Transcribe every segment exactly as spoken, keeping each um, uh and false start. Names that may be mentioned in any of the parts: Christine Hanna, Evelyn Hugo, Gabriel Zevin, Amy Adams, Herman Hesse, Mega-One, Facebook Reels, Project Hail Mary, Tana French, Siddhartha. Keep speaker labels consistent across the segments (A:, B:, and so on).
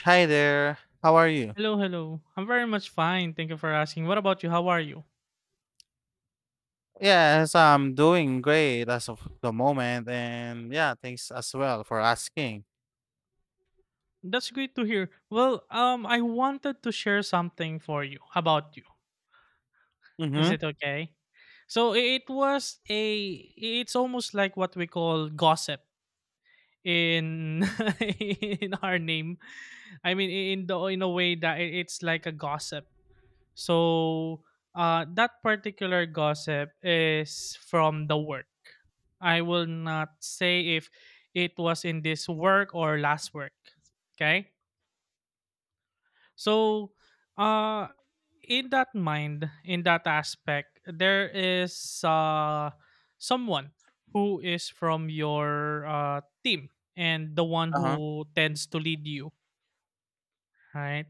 A: Hi there. How are you?
B: Hello, hello. I'm very much fine. Thank you for asking. What about you? How are you?
A: Yes, I'm doing great as of the moment, and yeah, thanks as well for asking.
B: That's great to hear. Well, um, I wanted to share something for you about you. Is
A: Mm-hmm.
B: it okay? So I- it was a. It's almost like what we call gossip in in our name. I mean, i- in the in a way that i- it's like a gossip. So, uh, that particular gossip is from the work. I will not say if it was in this work or last work. Okay. So, uh, in that mind, in that aspect, there is uh, someone who is from your uh, team and the one
A: Uh-huh.
B: who tends to lead you, right?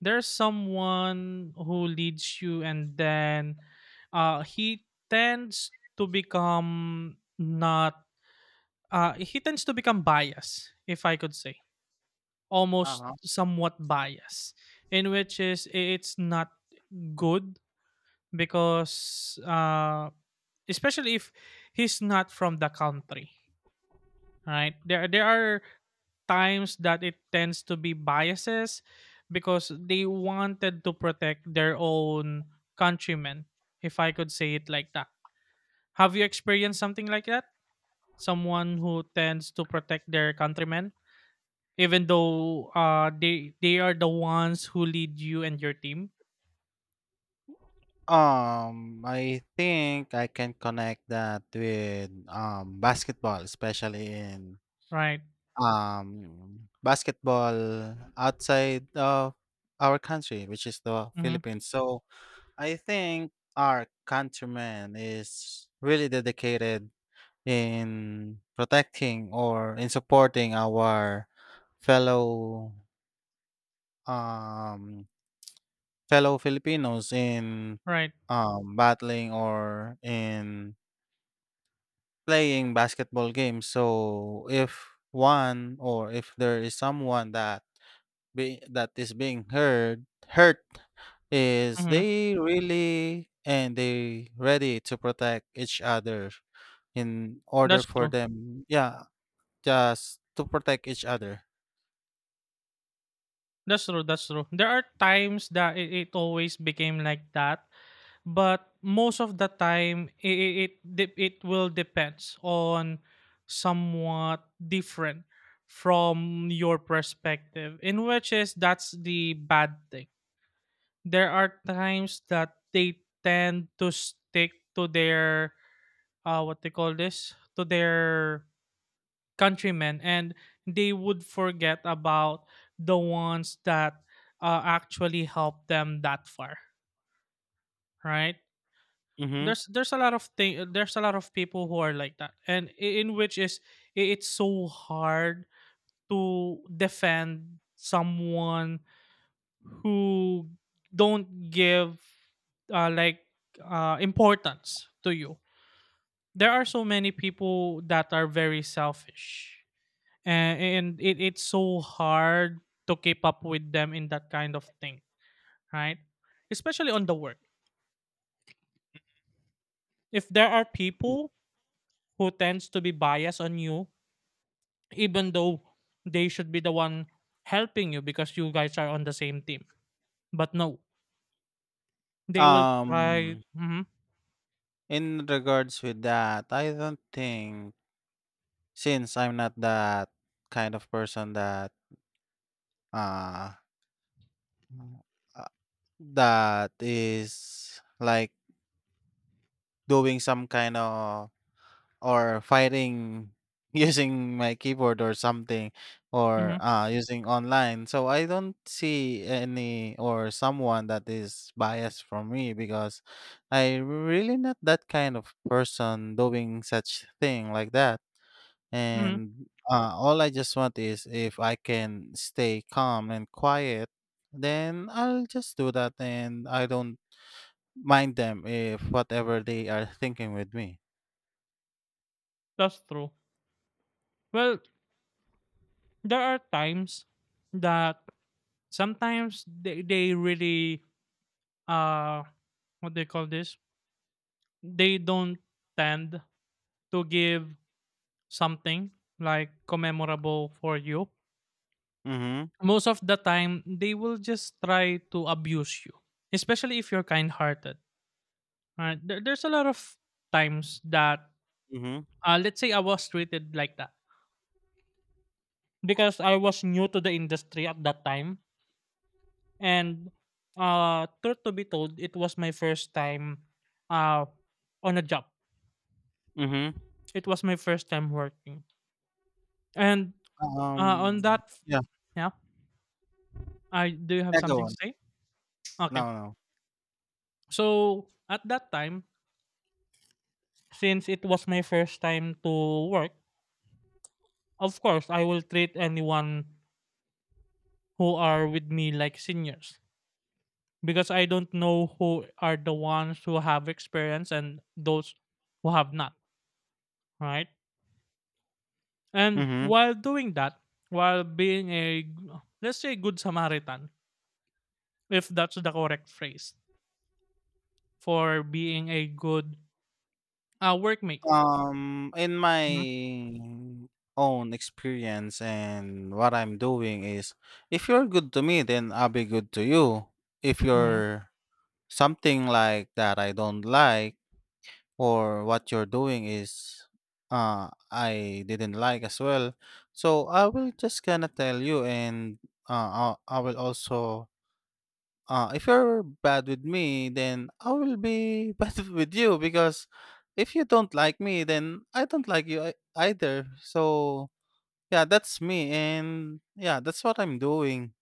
B: There's someone who leads you and then uh he tends to become not uh he tends to become biased if I could say, almost
A: Uh-huh.
B: somewhat biased, in which is i- it's not good because uh especially if he's not from the country, right? There there are times that it tends to be biases because they wanted to protect their own countrymen, if I could say it like that. Have you experienced something like that? Someone who tends to protect their countrymen, even though uh they they are the ones who lead you and your team,
A: Um, I think I can connect that with um basketball, especially in
B: right?
A: um basketball outside of our country, which is the
B: Mm-hmm.
A: Philippines. So I think our countrymen is really dedicated in protecting or in supporting our fellow um, fellow Filipinos in
B: Right.
A: um, battling or in playing basketball games. So if one or if there is someone that be, that is being heard hurt is
B: Mm-hmm.
A: they really and they ready to protect each other in order
B: That's
A: for
B: true.
A: them yeah just to protect each other.
B: That's true. That's true. There are times that it, it always became like that, but most of the time it it it, de- it will depends on somewhat different from your perspective, in which is that's the bad thing. There are times that they tend to stick to their uh what they call this, to their countrymen, and they would forget about the ones that uh, actually helped them that far, right?
A: Mhm.
B: There's there's a lot of thing, there's a lot of people who are like that, and i- in which is i- it's so hard to defend someone who don't give uh, like uh, importance to you. There are so many people that are very selfish, and, and it, it's so hard to keep up with them in that kind of thing, right? Especially on the work, if there are people who tends to be biased on you, even though they should be the one helping you because you guys are on the same team. But no, they will
A: Um,
B: try.
A: Mm.
B: hmm
A: In regards with that, I don't think since I'm not that kind of person that, uh, uh, that is like doing some kind of or fighting using my keyboard or something or
B: hmm
A: uh, using online. So I don't see any or someone that is biased from me because I really not that kind of person doing such thing like that.
B: hmm
A: And uh, all I just want is if I can stay calm and quiet, then I'll just do that and I don't mind them if whatever they are thinking with me.
B: that's true. Well, there are times that sometimes they, they really uh what they call this, they don't tend to give something like commemorable for you.
A: Mm-hmm.
B: Most of the time they will just try to abuse you, especially if you're kind hearted. Uh, there, there's a lot of times that
A: Mm-hmm.
B: uh, let's say I was treated like that because I was new to the industry at that time, and uh, truth to be told, it was my first time uh, on a job.
A: Mm-hmm.
B: It was my first time working, and uh,
A: Um,
B: on that, f-
A: yeah,
B: yeah, I do you have something to
A: Mega-One.
B: say? Okay,
A: No, no.
B: so at that time, since it was my first time to work, of course I will treat anyone who are with me like seniors because I don't know who are the ones who have experience and those who have not, right? And
A: Mhm.
B: while doing that, while being a g- let's say good Samaritan, if that's the correct phrase for being a good uh, workmate.
A: Um, in my
B: Mhm,
A: own experience and what I'm doing is, if you're good to me, then I'll be good to you. If
B: mhm.
A: you're something like that I don't like or what you're doing is, uh, I didn't like as well, so I will just gonna tell you and, uh, I I will also, Uh, if you're bad with me, then I will be bad with you because if you don't like me, then I don't like you ei- either. So, yeah, that's me. And yeah, that's what I'm doing.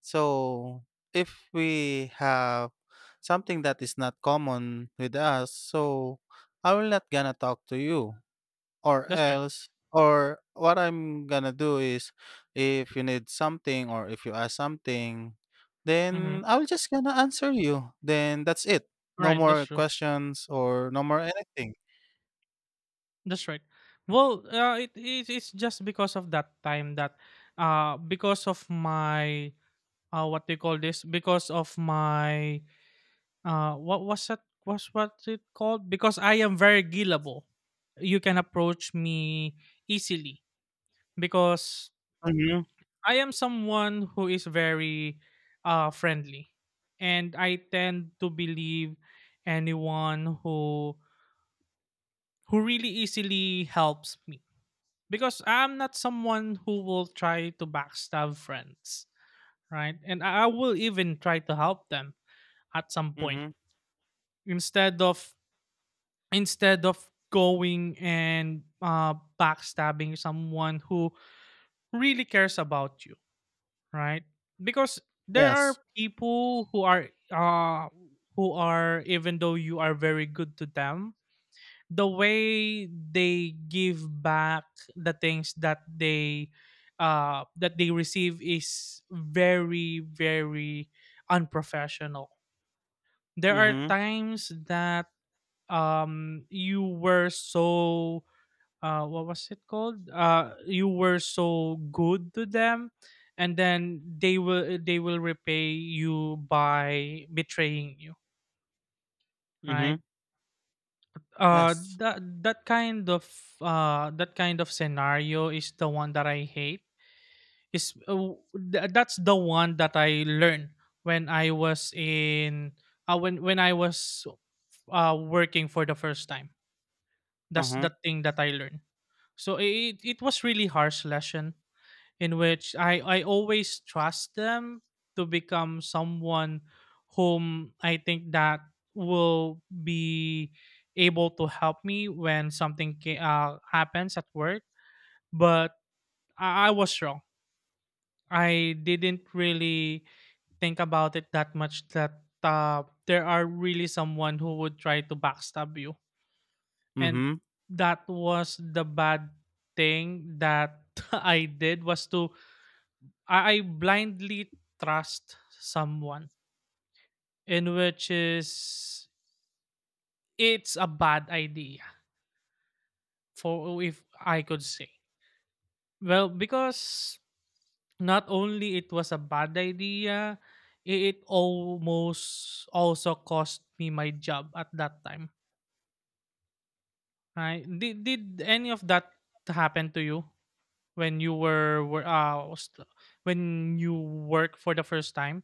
A: So, if we have something that is not common with us, so I will not gonna talk to you. Or
B: That's right.
A: else or what I'm gonna do is if you need something or if you ask something,
B: hmm
A: then I'll just gonna answer you. Then that's it. No
B: Right, that's
A: more
B: true.
A: questions or no more anything.
B: That's right. Well, uh, it, it it's just because of that time that, uh, because of my uh, what do you call this? Because of my — Uh, what was that? Was what it called? Because I am very gillable. You can approach me easily because
A: Mhm,
B: I am someone who is very uh, friendly, and I tend to believe anyone who who really easily helps me because I'm not someone who will try to backstab friends, right? And I I will even try to help them at some point,
A: mhm.
B: instead of instead of going and uh, backstabbing someone who really cares about you, right? Because there
A: Yes.
B: are people who are uh, who are, even though you are very good to them, the way they give back the things that they uh, that they receive is very very unprofessional. There are
A: Mhm,
B: times that um you were so uh what was it called uh you were so good to them, and then they will they will repay you by betraying you,
A: mhm.
B: right? uh
A: Yes.
B: that that kind of uh that kind of scenario is the one that I hate. is uh, w- th- that's the one that I learned when I was in uh, when when I was uh working for the first time. That's
A: Uh-huh.
B: the thing that I learned. So it it was really harsh lesson, in which I, I always trust them to become someone whom I think that will be able to help me when something ca- uh, happens at work. But I, I was wrong. I didn't really think about it that much that uh, there are really someone who would try to backstab you. And
A: Mhm.
B: that was the bad thing that I did was to — I, I blindly trust someone, in which is it's a bad idea for if I could say. Well, because not only it was a bad idea, i- it almost also cost me my job at that time. Right? Did, did any of that happen to you when you were, were uh st- when you work for the first time?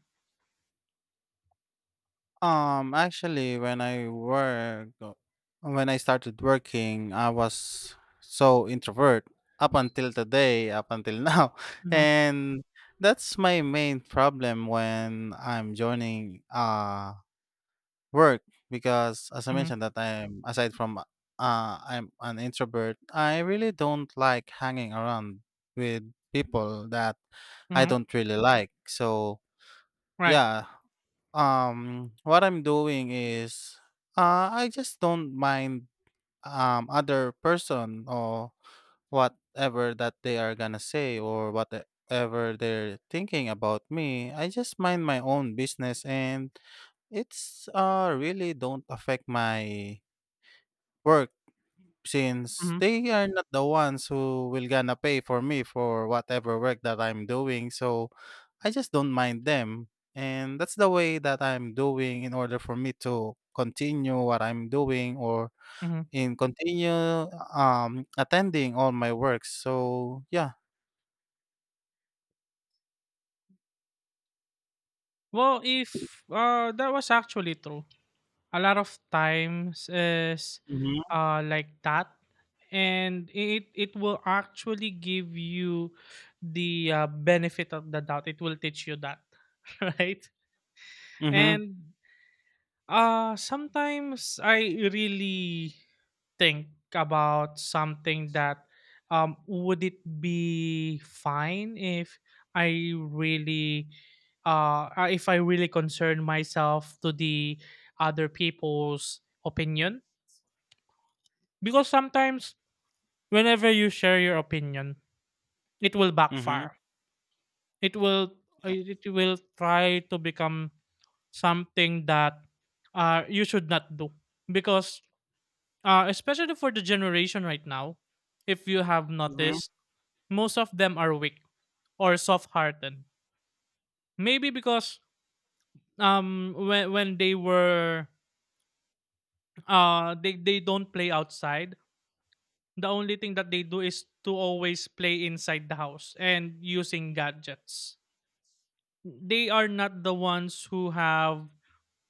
A: Um, actually, when I work, when I started working, I was so introvert up until today, up until now,
B: Mm-hmm,
A: and that's my main problem when I'm joining uh work because, as I
B: mm-hmm,
A: mentioned, that I'm aside from uh I'm an introvert, I really don't like hanging around with people that I
B: mm-hmm.
A: don't really like. So
B: Right.
A: yeah, um, what I'm doing is, uh, I just don't mind um other person or whatever that they are gonna say or whatever they're thinking about me. I just mind my own business, and it's uh really don't affect my work since
B: Mm-hmm,
A: they are not the ones who will gonna pay for me for whatever work that I'm doing. So I just don't mind them. And that's the way that I'm doing in order for me to continue what I'm doing or
B: mm-hmm.
A: in continue um attending all my works. So yeah.
B: Well, if, uh, that was actually true. A lot of times is,
A: Mhm.
B: uh, like that, and it it will actually give you the, uh, benefit of the doubt. It will teach you that, right?
A: Mhm.
B: And uh, sometimes I really think about something that um would it be fine if I really uh uh, if I really concern myself to the other people's opinion, because sometimes whenever you share your opinion it will
A: Mhm.
B: backfire. It will uh,
A: Yeah.
B: it will try to become something that uh you should not do because uh, especially for the generation right now, if you have
A: Mhm.
B: noticed, most of them are weak or soft hearted. Maybe because um when when they were uh they, they don't play outside. The only thing that they do is to always play inside the house and using gadgets. They are not the ones who have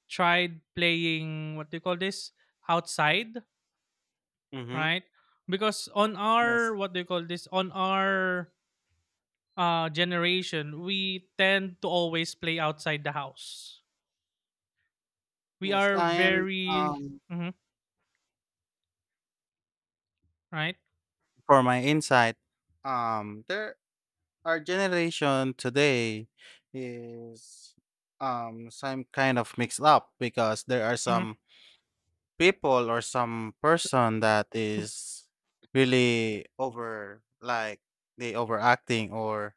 B: tried playing what do you call this outside,
A: Mhm.
B: right? Because on
A: Yes.
B: our what do you call this on our uh, generation, we tend to always play outside the house. We
A: Yes.
B: are
A: And
B: very —
A: um
B: Mhm, right,
A: for my insight, um there our generation today is um some kind of mixed up because there are
B: hmm
A: some people or some person that is really over like they overacting or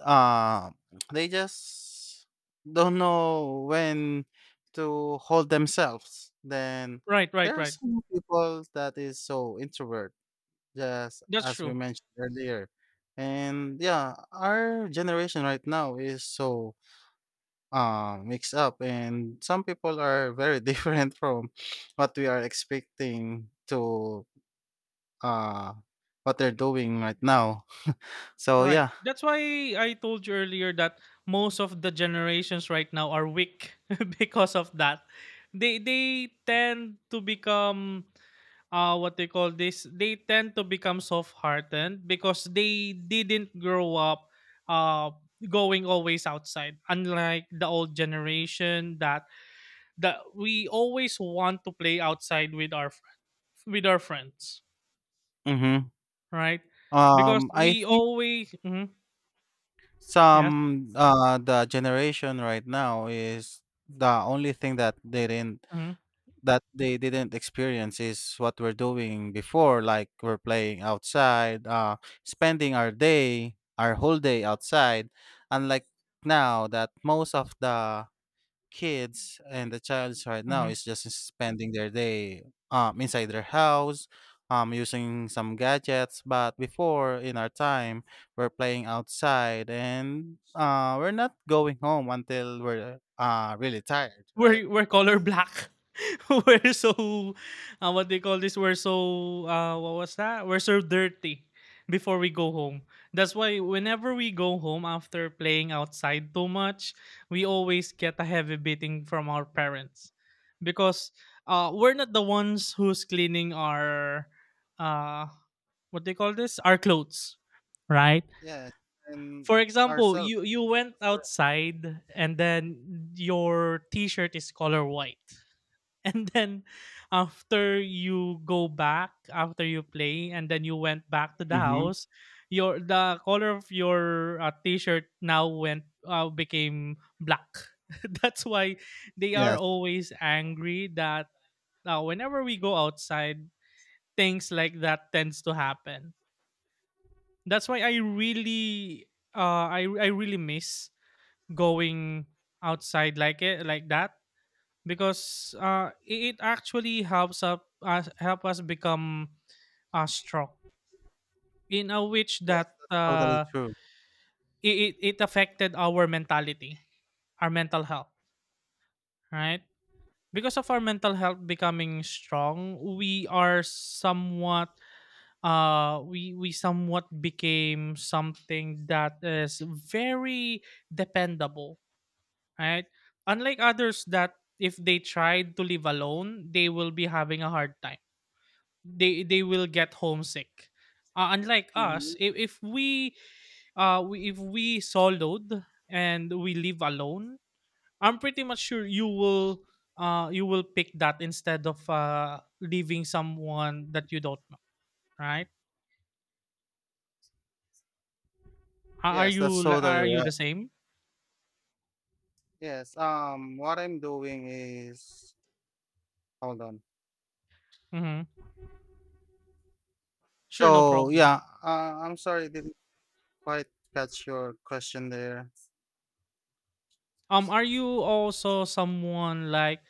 A: um they just don't know when to hold themselves then
B: right,
A: there
B: right,
A: are
B: right.
A: some people that is so introvert, yes,
B: That's
A: as we
B: true.
A: mentioned earlier. And yeah, our generation right now is so uh, mixed up, and some people are very different from what we are expecting to uh, what they're doing right now. So
B: Right.
A: yeah,
B: That's why I told you earlier that most of the generations right now are weak because of that. They they tend to become uh what they call this. They tend to become soft hearted because they didn't grow up uh going always outside, unlike the old generation that that we always want to play outside with our fr- with our friends,
A: mm-hmm.
B: right? Because
A: um, I
B: we
A: think
B: always — Mhm, yes,
A: some uh, the generation right now is the only thing that they didn't
B: mhm,
A: that they didn't experience is what we're doing before like we're playing outside uh spending our day our whole day outside unlike now that most of the kids and the childs right now
B: mhm.
A: is just spending their day um inside their house um using some gadgets but before in our time we're playing outside and uh we're not going home until we're uh really tired, right?
B: We're we're color black. We're so uh, what they call this? We're so uh, what was that? We're so dirty before we go home. That's why whenever we go home after playing outside too much, we always get a heavy beating from our parents because uh, we're not the ones who's cleaning our uh what they call this our clothes, right?
A: Yes, and
B: For example,
A: ourselves.
B: you you went outside and then your t-shirt is color white, and then after you go back, after you play and then you went back to the
A: Mm-hmm.
B: house, your the color of your uh, t-shirt now went uh, became black. That's why they are
A: Yes,
B: always angry that uh, whenever we go outside things like that tends to happen. That's why I really uh I I really miss going outside like it like that, because uh it, it actually helps up us help us become uh strong, in a which
A: yes,
B: that
A: that's totally
B: uh
A: true.
B: it, it, it affected our mentality, our mental health, right? Because of our mental health becoming strong, we are somewhat uh we we somewhat became something that is very dependable, right? Unlike others that if they tried to live alone, they will be having a hard time. They they will get homesick. Uh, unlike us,
A: Hmm.
B: if, if we uh we, if we soloed and we live alone, I'm pretty much sure you will uh you will pick that instead of uh leaving someone that you don't know, right? Are are
A: Yes, that's
B: you li-
A: totally
B: are you
A: right.
B: the same?
A: Yes, um, what I'm doing is hold on.
B: Mm-hmm. Sure, no
A: So
B: problem.
A: yeah, uh, I'm sorry, I didn't quite catch your question there.
B: Um, are you also someone like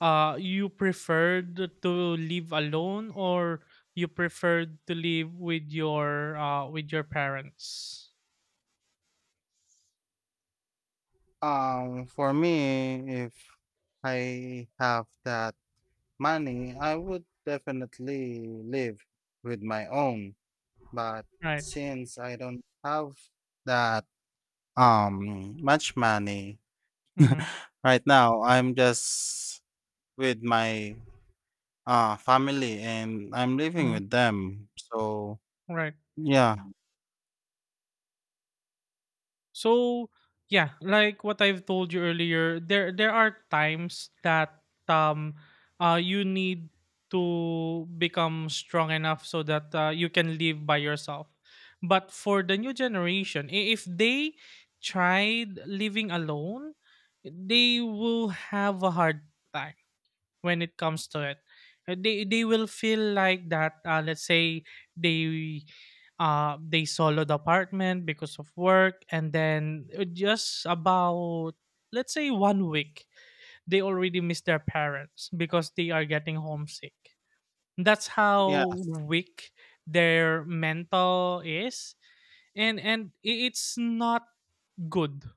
B: uh you preferred to live alone or you preferred to live with your uh with your parents,
A: Um, for me, if I have that money, I would definitely live with my own. But
B: right?
A: since I don't have that um much money,
B: Mm-hmm,
A: right now, I'm just with my uh family and I'm living
B: mm-hmm,
A: with them. So
B: right.
A: yeah,
B: So yeah, like what I've told you earlier, there there are times that um uh you need to become strong enough so that uh, you can live by yourself. But for the new generation, i- if they tried living alone, they will have a hard time when it comes to it. Uh, They they will feel like that. Uh, let's say they uh they sold the apartment because of work, and then uh, just about let's say one week they already miss their parents because they are getting homesick. That's
A: yeah.
B: how weak their mental is, and and i- it's not good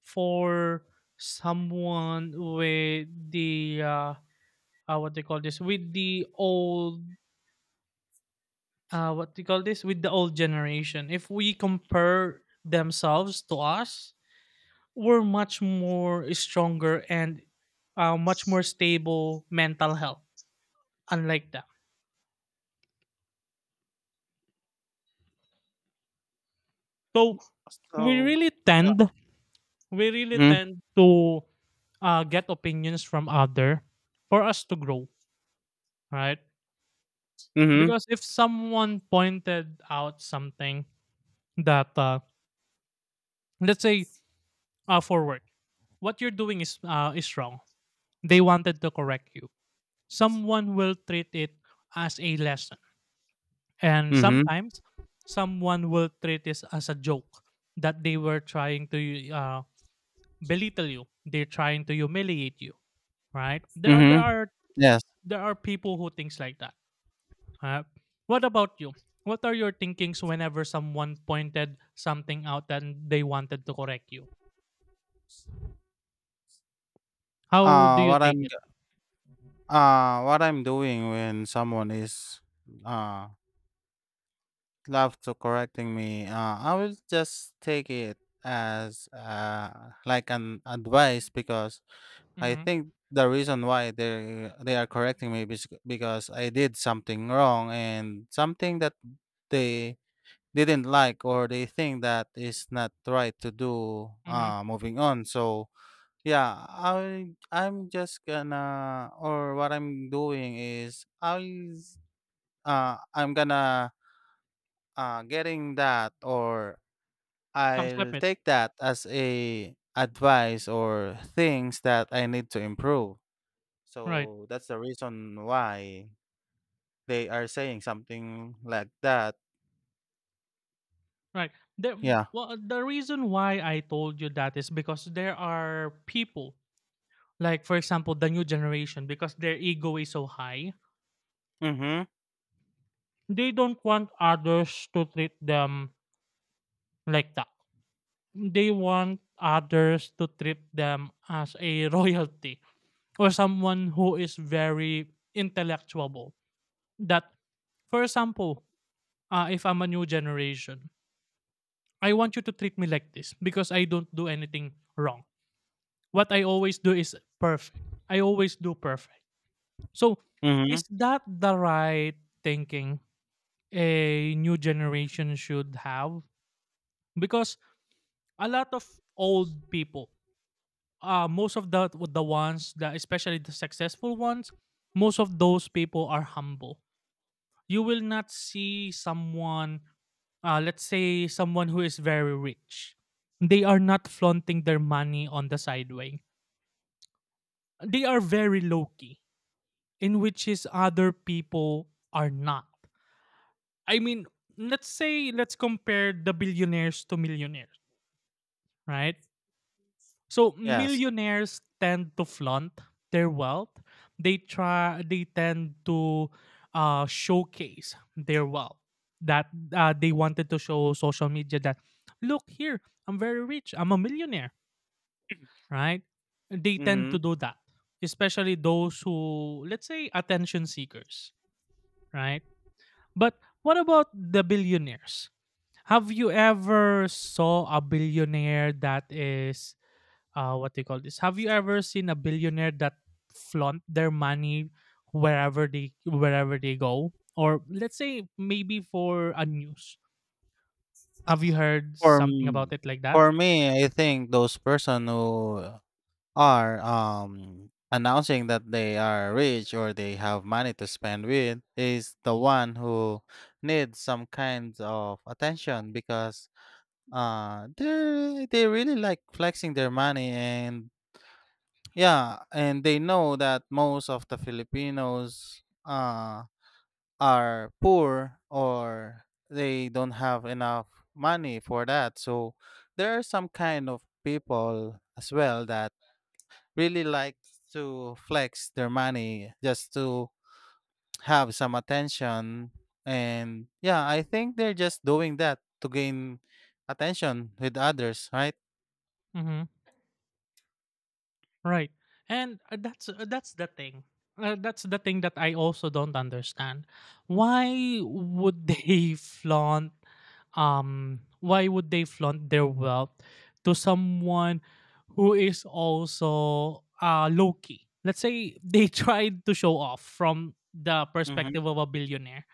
B: for someone with the uh, uh, what they call this with the old uh, what they call this with the old generation. If we compare themselves to us, we're much more stronger and uh, much more stable mental health, unlike them. So we
A: So
B: really tend we really
A: mm-hmm,
B: tend to uh, get opinions from other for us to grow, right?
A: mm-hmm,
B: Because if someone pointed out something that uh, let's say uh, for work, what you're doing is uh, is wrong. They wanted to correct you. Someone will treat it as a lesson, and
A: mm-hmm,
B: sometimes someone will treat this as a joke, that they were trying to uh, belittle you. They're trying to humiliate you, right? There are there
A: mm-hmm.
B: are
A: Yes.
B: there are people who thinks like that. Uh, what about you? What are your thinkings whenever someone pointed something out and they wanted to correct you? How do
A: Uh
B: you
A: what
B: take
A: I'm
B: it?
A: g- uh what I'm doing when someone is uh love to correcting me, uh I will just take it as uh like an advice because I
B: Mm-hmm.
A: think the reason why they they are correcting me is because I did something wrong and something that they didn't like or they think that is not right to do
B: Mm-hmm.
A: uh moving on. So yeah, I I'm just gonna or what I'm doing is I'll uh I'm gonna uh getting that or
B: Accept
A: I'll
B: it.
A: take that as a advice or things that I need to improve.
B: Right,
A: So that's the reason why they are saying something like that.
B: right. The
A: Yeah.
B: well, the reason why I told you that is because there are people, like for example, the new generation, because their ego is so high,
A: Mhm.
B: they don't want others to treat them like that. They want others to treat them as a royalty, or someone who is very intellectual. That, for example, uh, if I'm a new generation, I want you to treat me like this because I don't do anything wrong. What I always do is perfect. I always do perfect. So, is
A: Mhm.
B: that the right thinking a new generation should have? Because a lot of old people, uh, most of the the ones that especially the successful ones, most of those people are humble. You will not see someone, uh, let's say someone who is very rich. They are not flaunting their money on the sideway. They are very low key, in which is other people are not. I mean, let's say let's compare the billionaires to millionaires, right? So
A: Yes.
B: millionaires tend to flaunt their wealth. They try they tend to uh showcase their wealth, that uh, they wanted to show social media that, look here, I'm very rich, I'm a millionaire, right? They tend
A: Mhm.
B: to do that, especially those who let's say attention seekers, right? But what about the billionaires? Have you ever saw a billionaire that is uh what they call this? Have you ever seen a billionaire that flaunt their money wherever they wherever they go? Or let's say maybe for a news. Have you heard
A: For
B: something about
A: m-
B: it like that?
A: for me, I think those person who are um announcing that they are rich or they have money to spend with is the one who needs some kinds of attention because uh they they really like flexing their money. And yeah, and they know that most of the Filipinos uh, are poor or they don't have enough money for that. So there are some kind of people as well that really like to flex their money just to have some attention. And yeah, I think they're just doing that to gain attention with others, right?
B: Mm-hmm. Right. And uh, that's uh, that's the thing. Uh, that's the thing that I also don't understand. Why would they flaunt um Why would they flaunt their wealth to someone who is also uh low key? Let's say they tried to show off from the
A: Hmm.
B: perspective of a billionaire.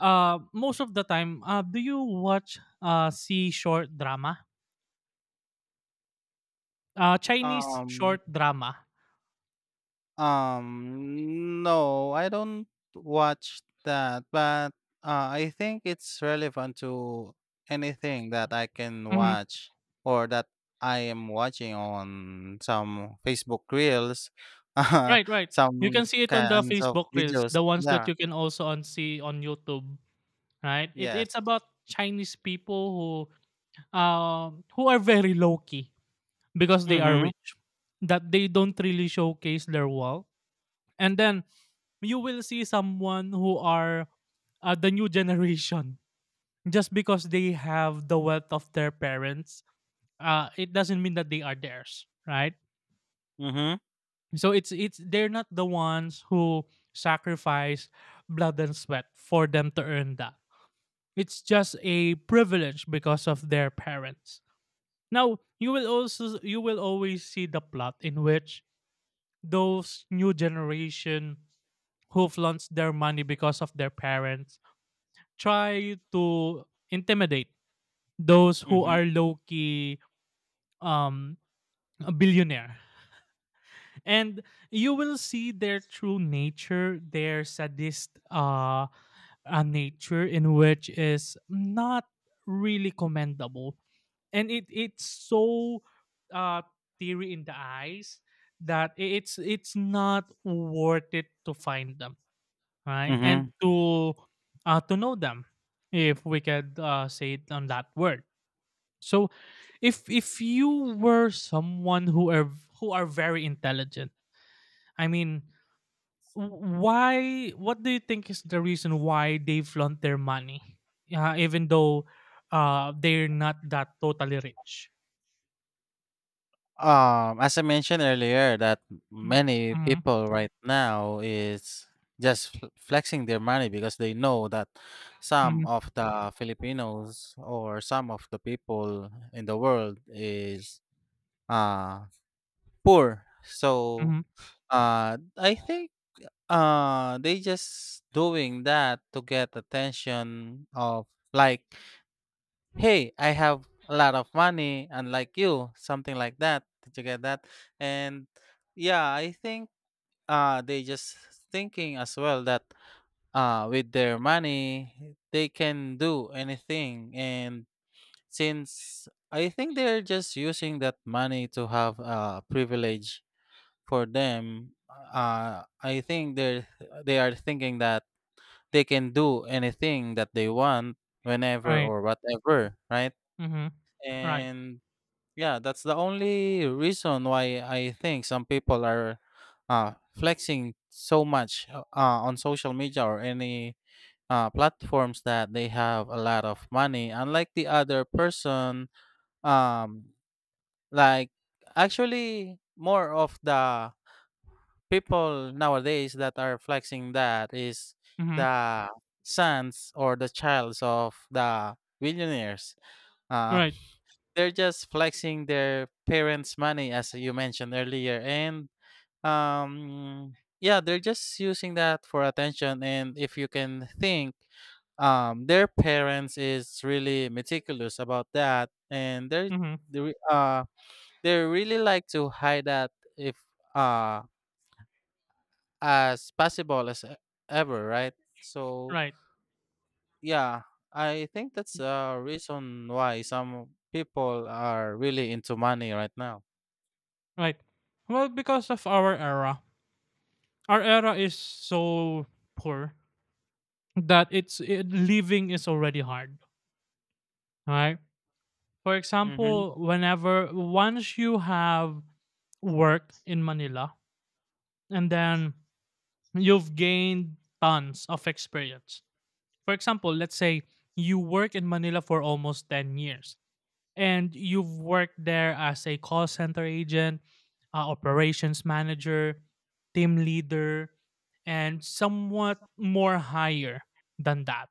B: Uh most of the time, uh do you watch uh see short drama? Uh Chinese
A: Um,
B: short drama.
A: Um, no, I don't watch that, but uh, I think it's relevant to anything that I can
B: Mhm.
A: watch or that I am watching on some Facebook Reels, uh,
B: Right, right. You
A: some
B: can see it on the
A: kinds of
B: Facebook Reels,
A: videos.
B: the ones that
A: Yeah.
B: you can also on see on YouTube, right? It,
A: Yes.
B: it's about Chinese people who um who are very low key because they are
A: Mhm.
B: rich, that they don't really showcase their wealth. And then you will see someone who are uh, the new generation, just because they have the wealth of their parents. Uh, it doesn't mean that they are theirs, right?
A: Mhm.
B: So it's it's they're not the ones who sacrifice blood and sweat for them to earn that. It's just a privilege because of their parents. Now, you will also you will always see the plot in which those new generation who flaunts their money because of their parents try to intimidate those who
A: Mhm.
B: are low key, um a billionaire, and you will see their true nature, their sadist uh, uh nature, in which is not really commendable, and it it's so uh theory in the eyes, that i- it's it's not worth it to find them, right? And
A: Mhm.
B: to uh to know them, if we could uh, say it on that word. So if if you were someone who are who are very intelligent, I mean, W- why what do you think is the reason why they flaunt their money, uh, even though uh, they're not that totally rich?
A: Um, as I mentioned earlier, that many
B: Mm-hmm.
A: people right now is just fl- flexing their money because they know that some
B: Mm-hmm.
A: of the Filipinos or some of the people in the world is uh poor. So
B: Mm-hmm.
A: uh I think uh they just doing that to get attention of like hey, I have a lot of money, unlike you, something like that. Did you get that? And yeah, I think uh they just thinking as well that uh with their money they can do anything and since I think they're just using that money to have uh privilege for them uh I think they're they are thinking that they can do anything that they want whenever
B: Right.
A: or whatever, right?
B: Mm-hmm. Right.
A: And yeah, that's the only reason why I think some people are uh, flexing so much uh, uh, on social media or any uh, platforms that they have a lot of money. Unlike the other person, um, like actually more of the people nowadays that are flexing that is
B: Mm-hmm.
A: the sons or the childs of the billionaires. Uh,
B: Right.
A: they're just flexing their parents' money, as you mentioned earlier, and, um, yeah, they're just using that for attention, and if you can think, um, their parents is really meticulous about that, and they're
B: Mm-hmm.
A: they re- uh, they really like to hide that if, uh, as possible as e ever, right? So,
B: Right.
A: yeah, I think that's a reason why some people are really into money right now.
B: Right. Well because of our era, our era is so poor that it's it, living is already hard, right? For
A: Mhm.
B: example, whenever once you have work in Manila, and then you've gained tons of experience. For example, let's say you work in Manila for almost ten years and you've worked there as a call center agent, uh, operations manager, team leader, and somewhat more higher than that,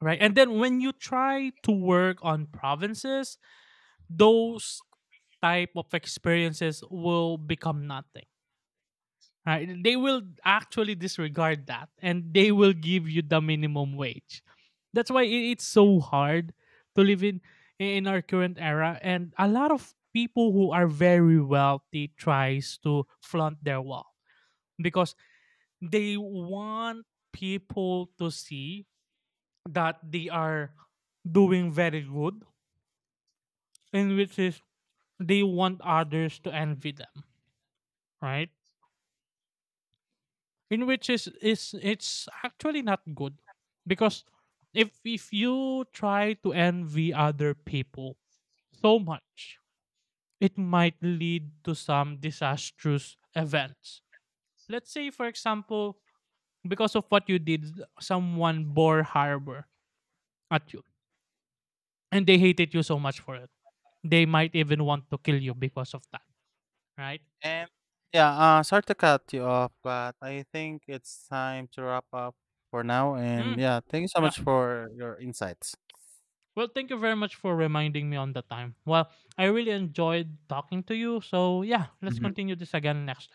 B: right? And then when you try to work on provinces, those type of experiences will become nothing, right? They will actually disregard that and they will give you the minimum wage. That's why i- it's so hard to live in in our current era, and a lot of people who are very wealthy tries to flaunt their wealth because they want people to see that they are doing very good, and which is they want others to envy them, right? In which is is it's actually not good because if if you try to envy other people so much, it might lead to some disastrous events. Let's say for example, because of what you did, someone bore harbor at you, and they hated you so much for it. They might even want to kill you because of that, right?
A: And yeah, uh, sorry to cut you off, but I think it's time to wrap up for now. And
B: Mm.
A: yeah, thank you so
B: Yeah.
A: much for your insights.
B: Well, thank you very much for reminding me on the time. Well, I really enjoyed talking to you. So, yeah, let's
A: Mhm.
B: continue this again next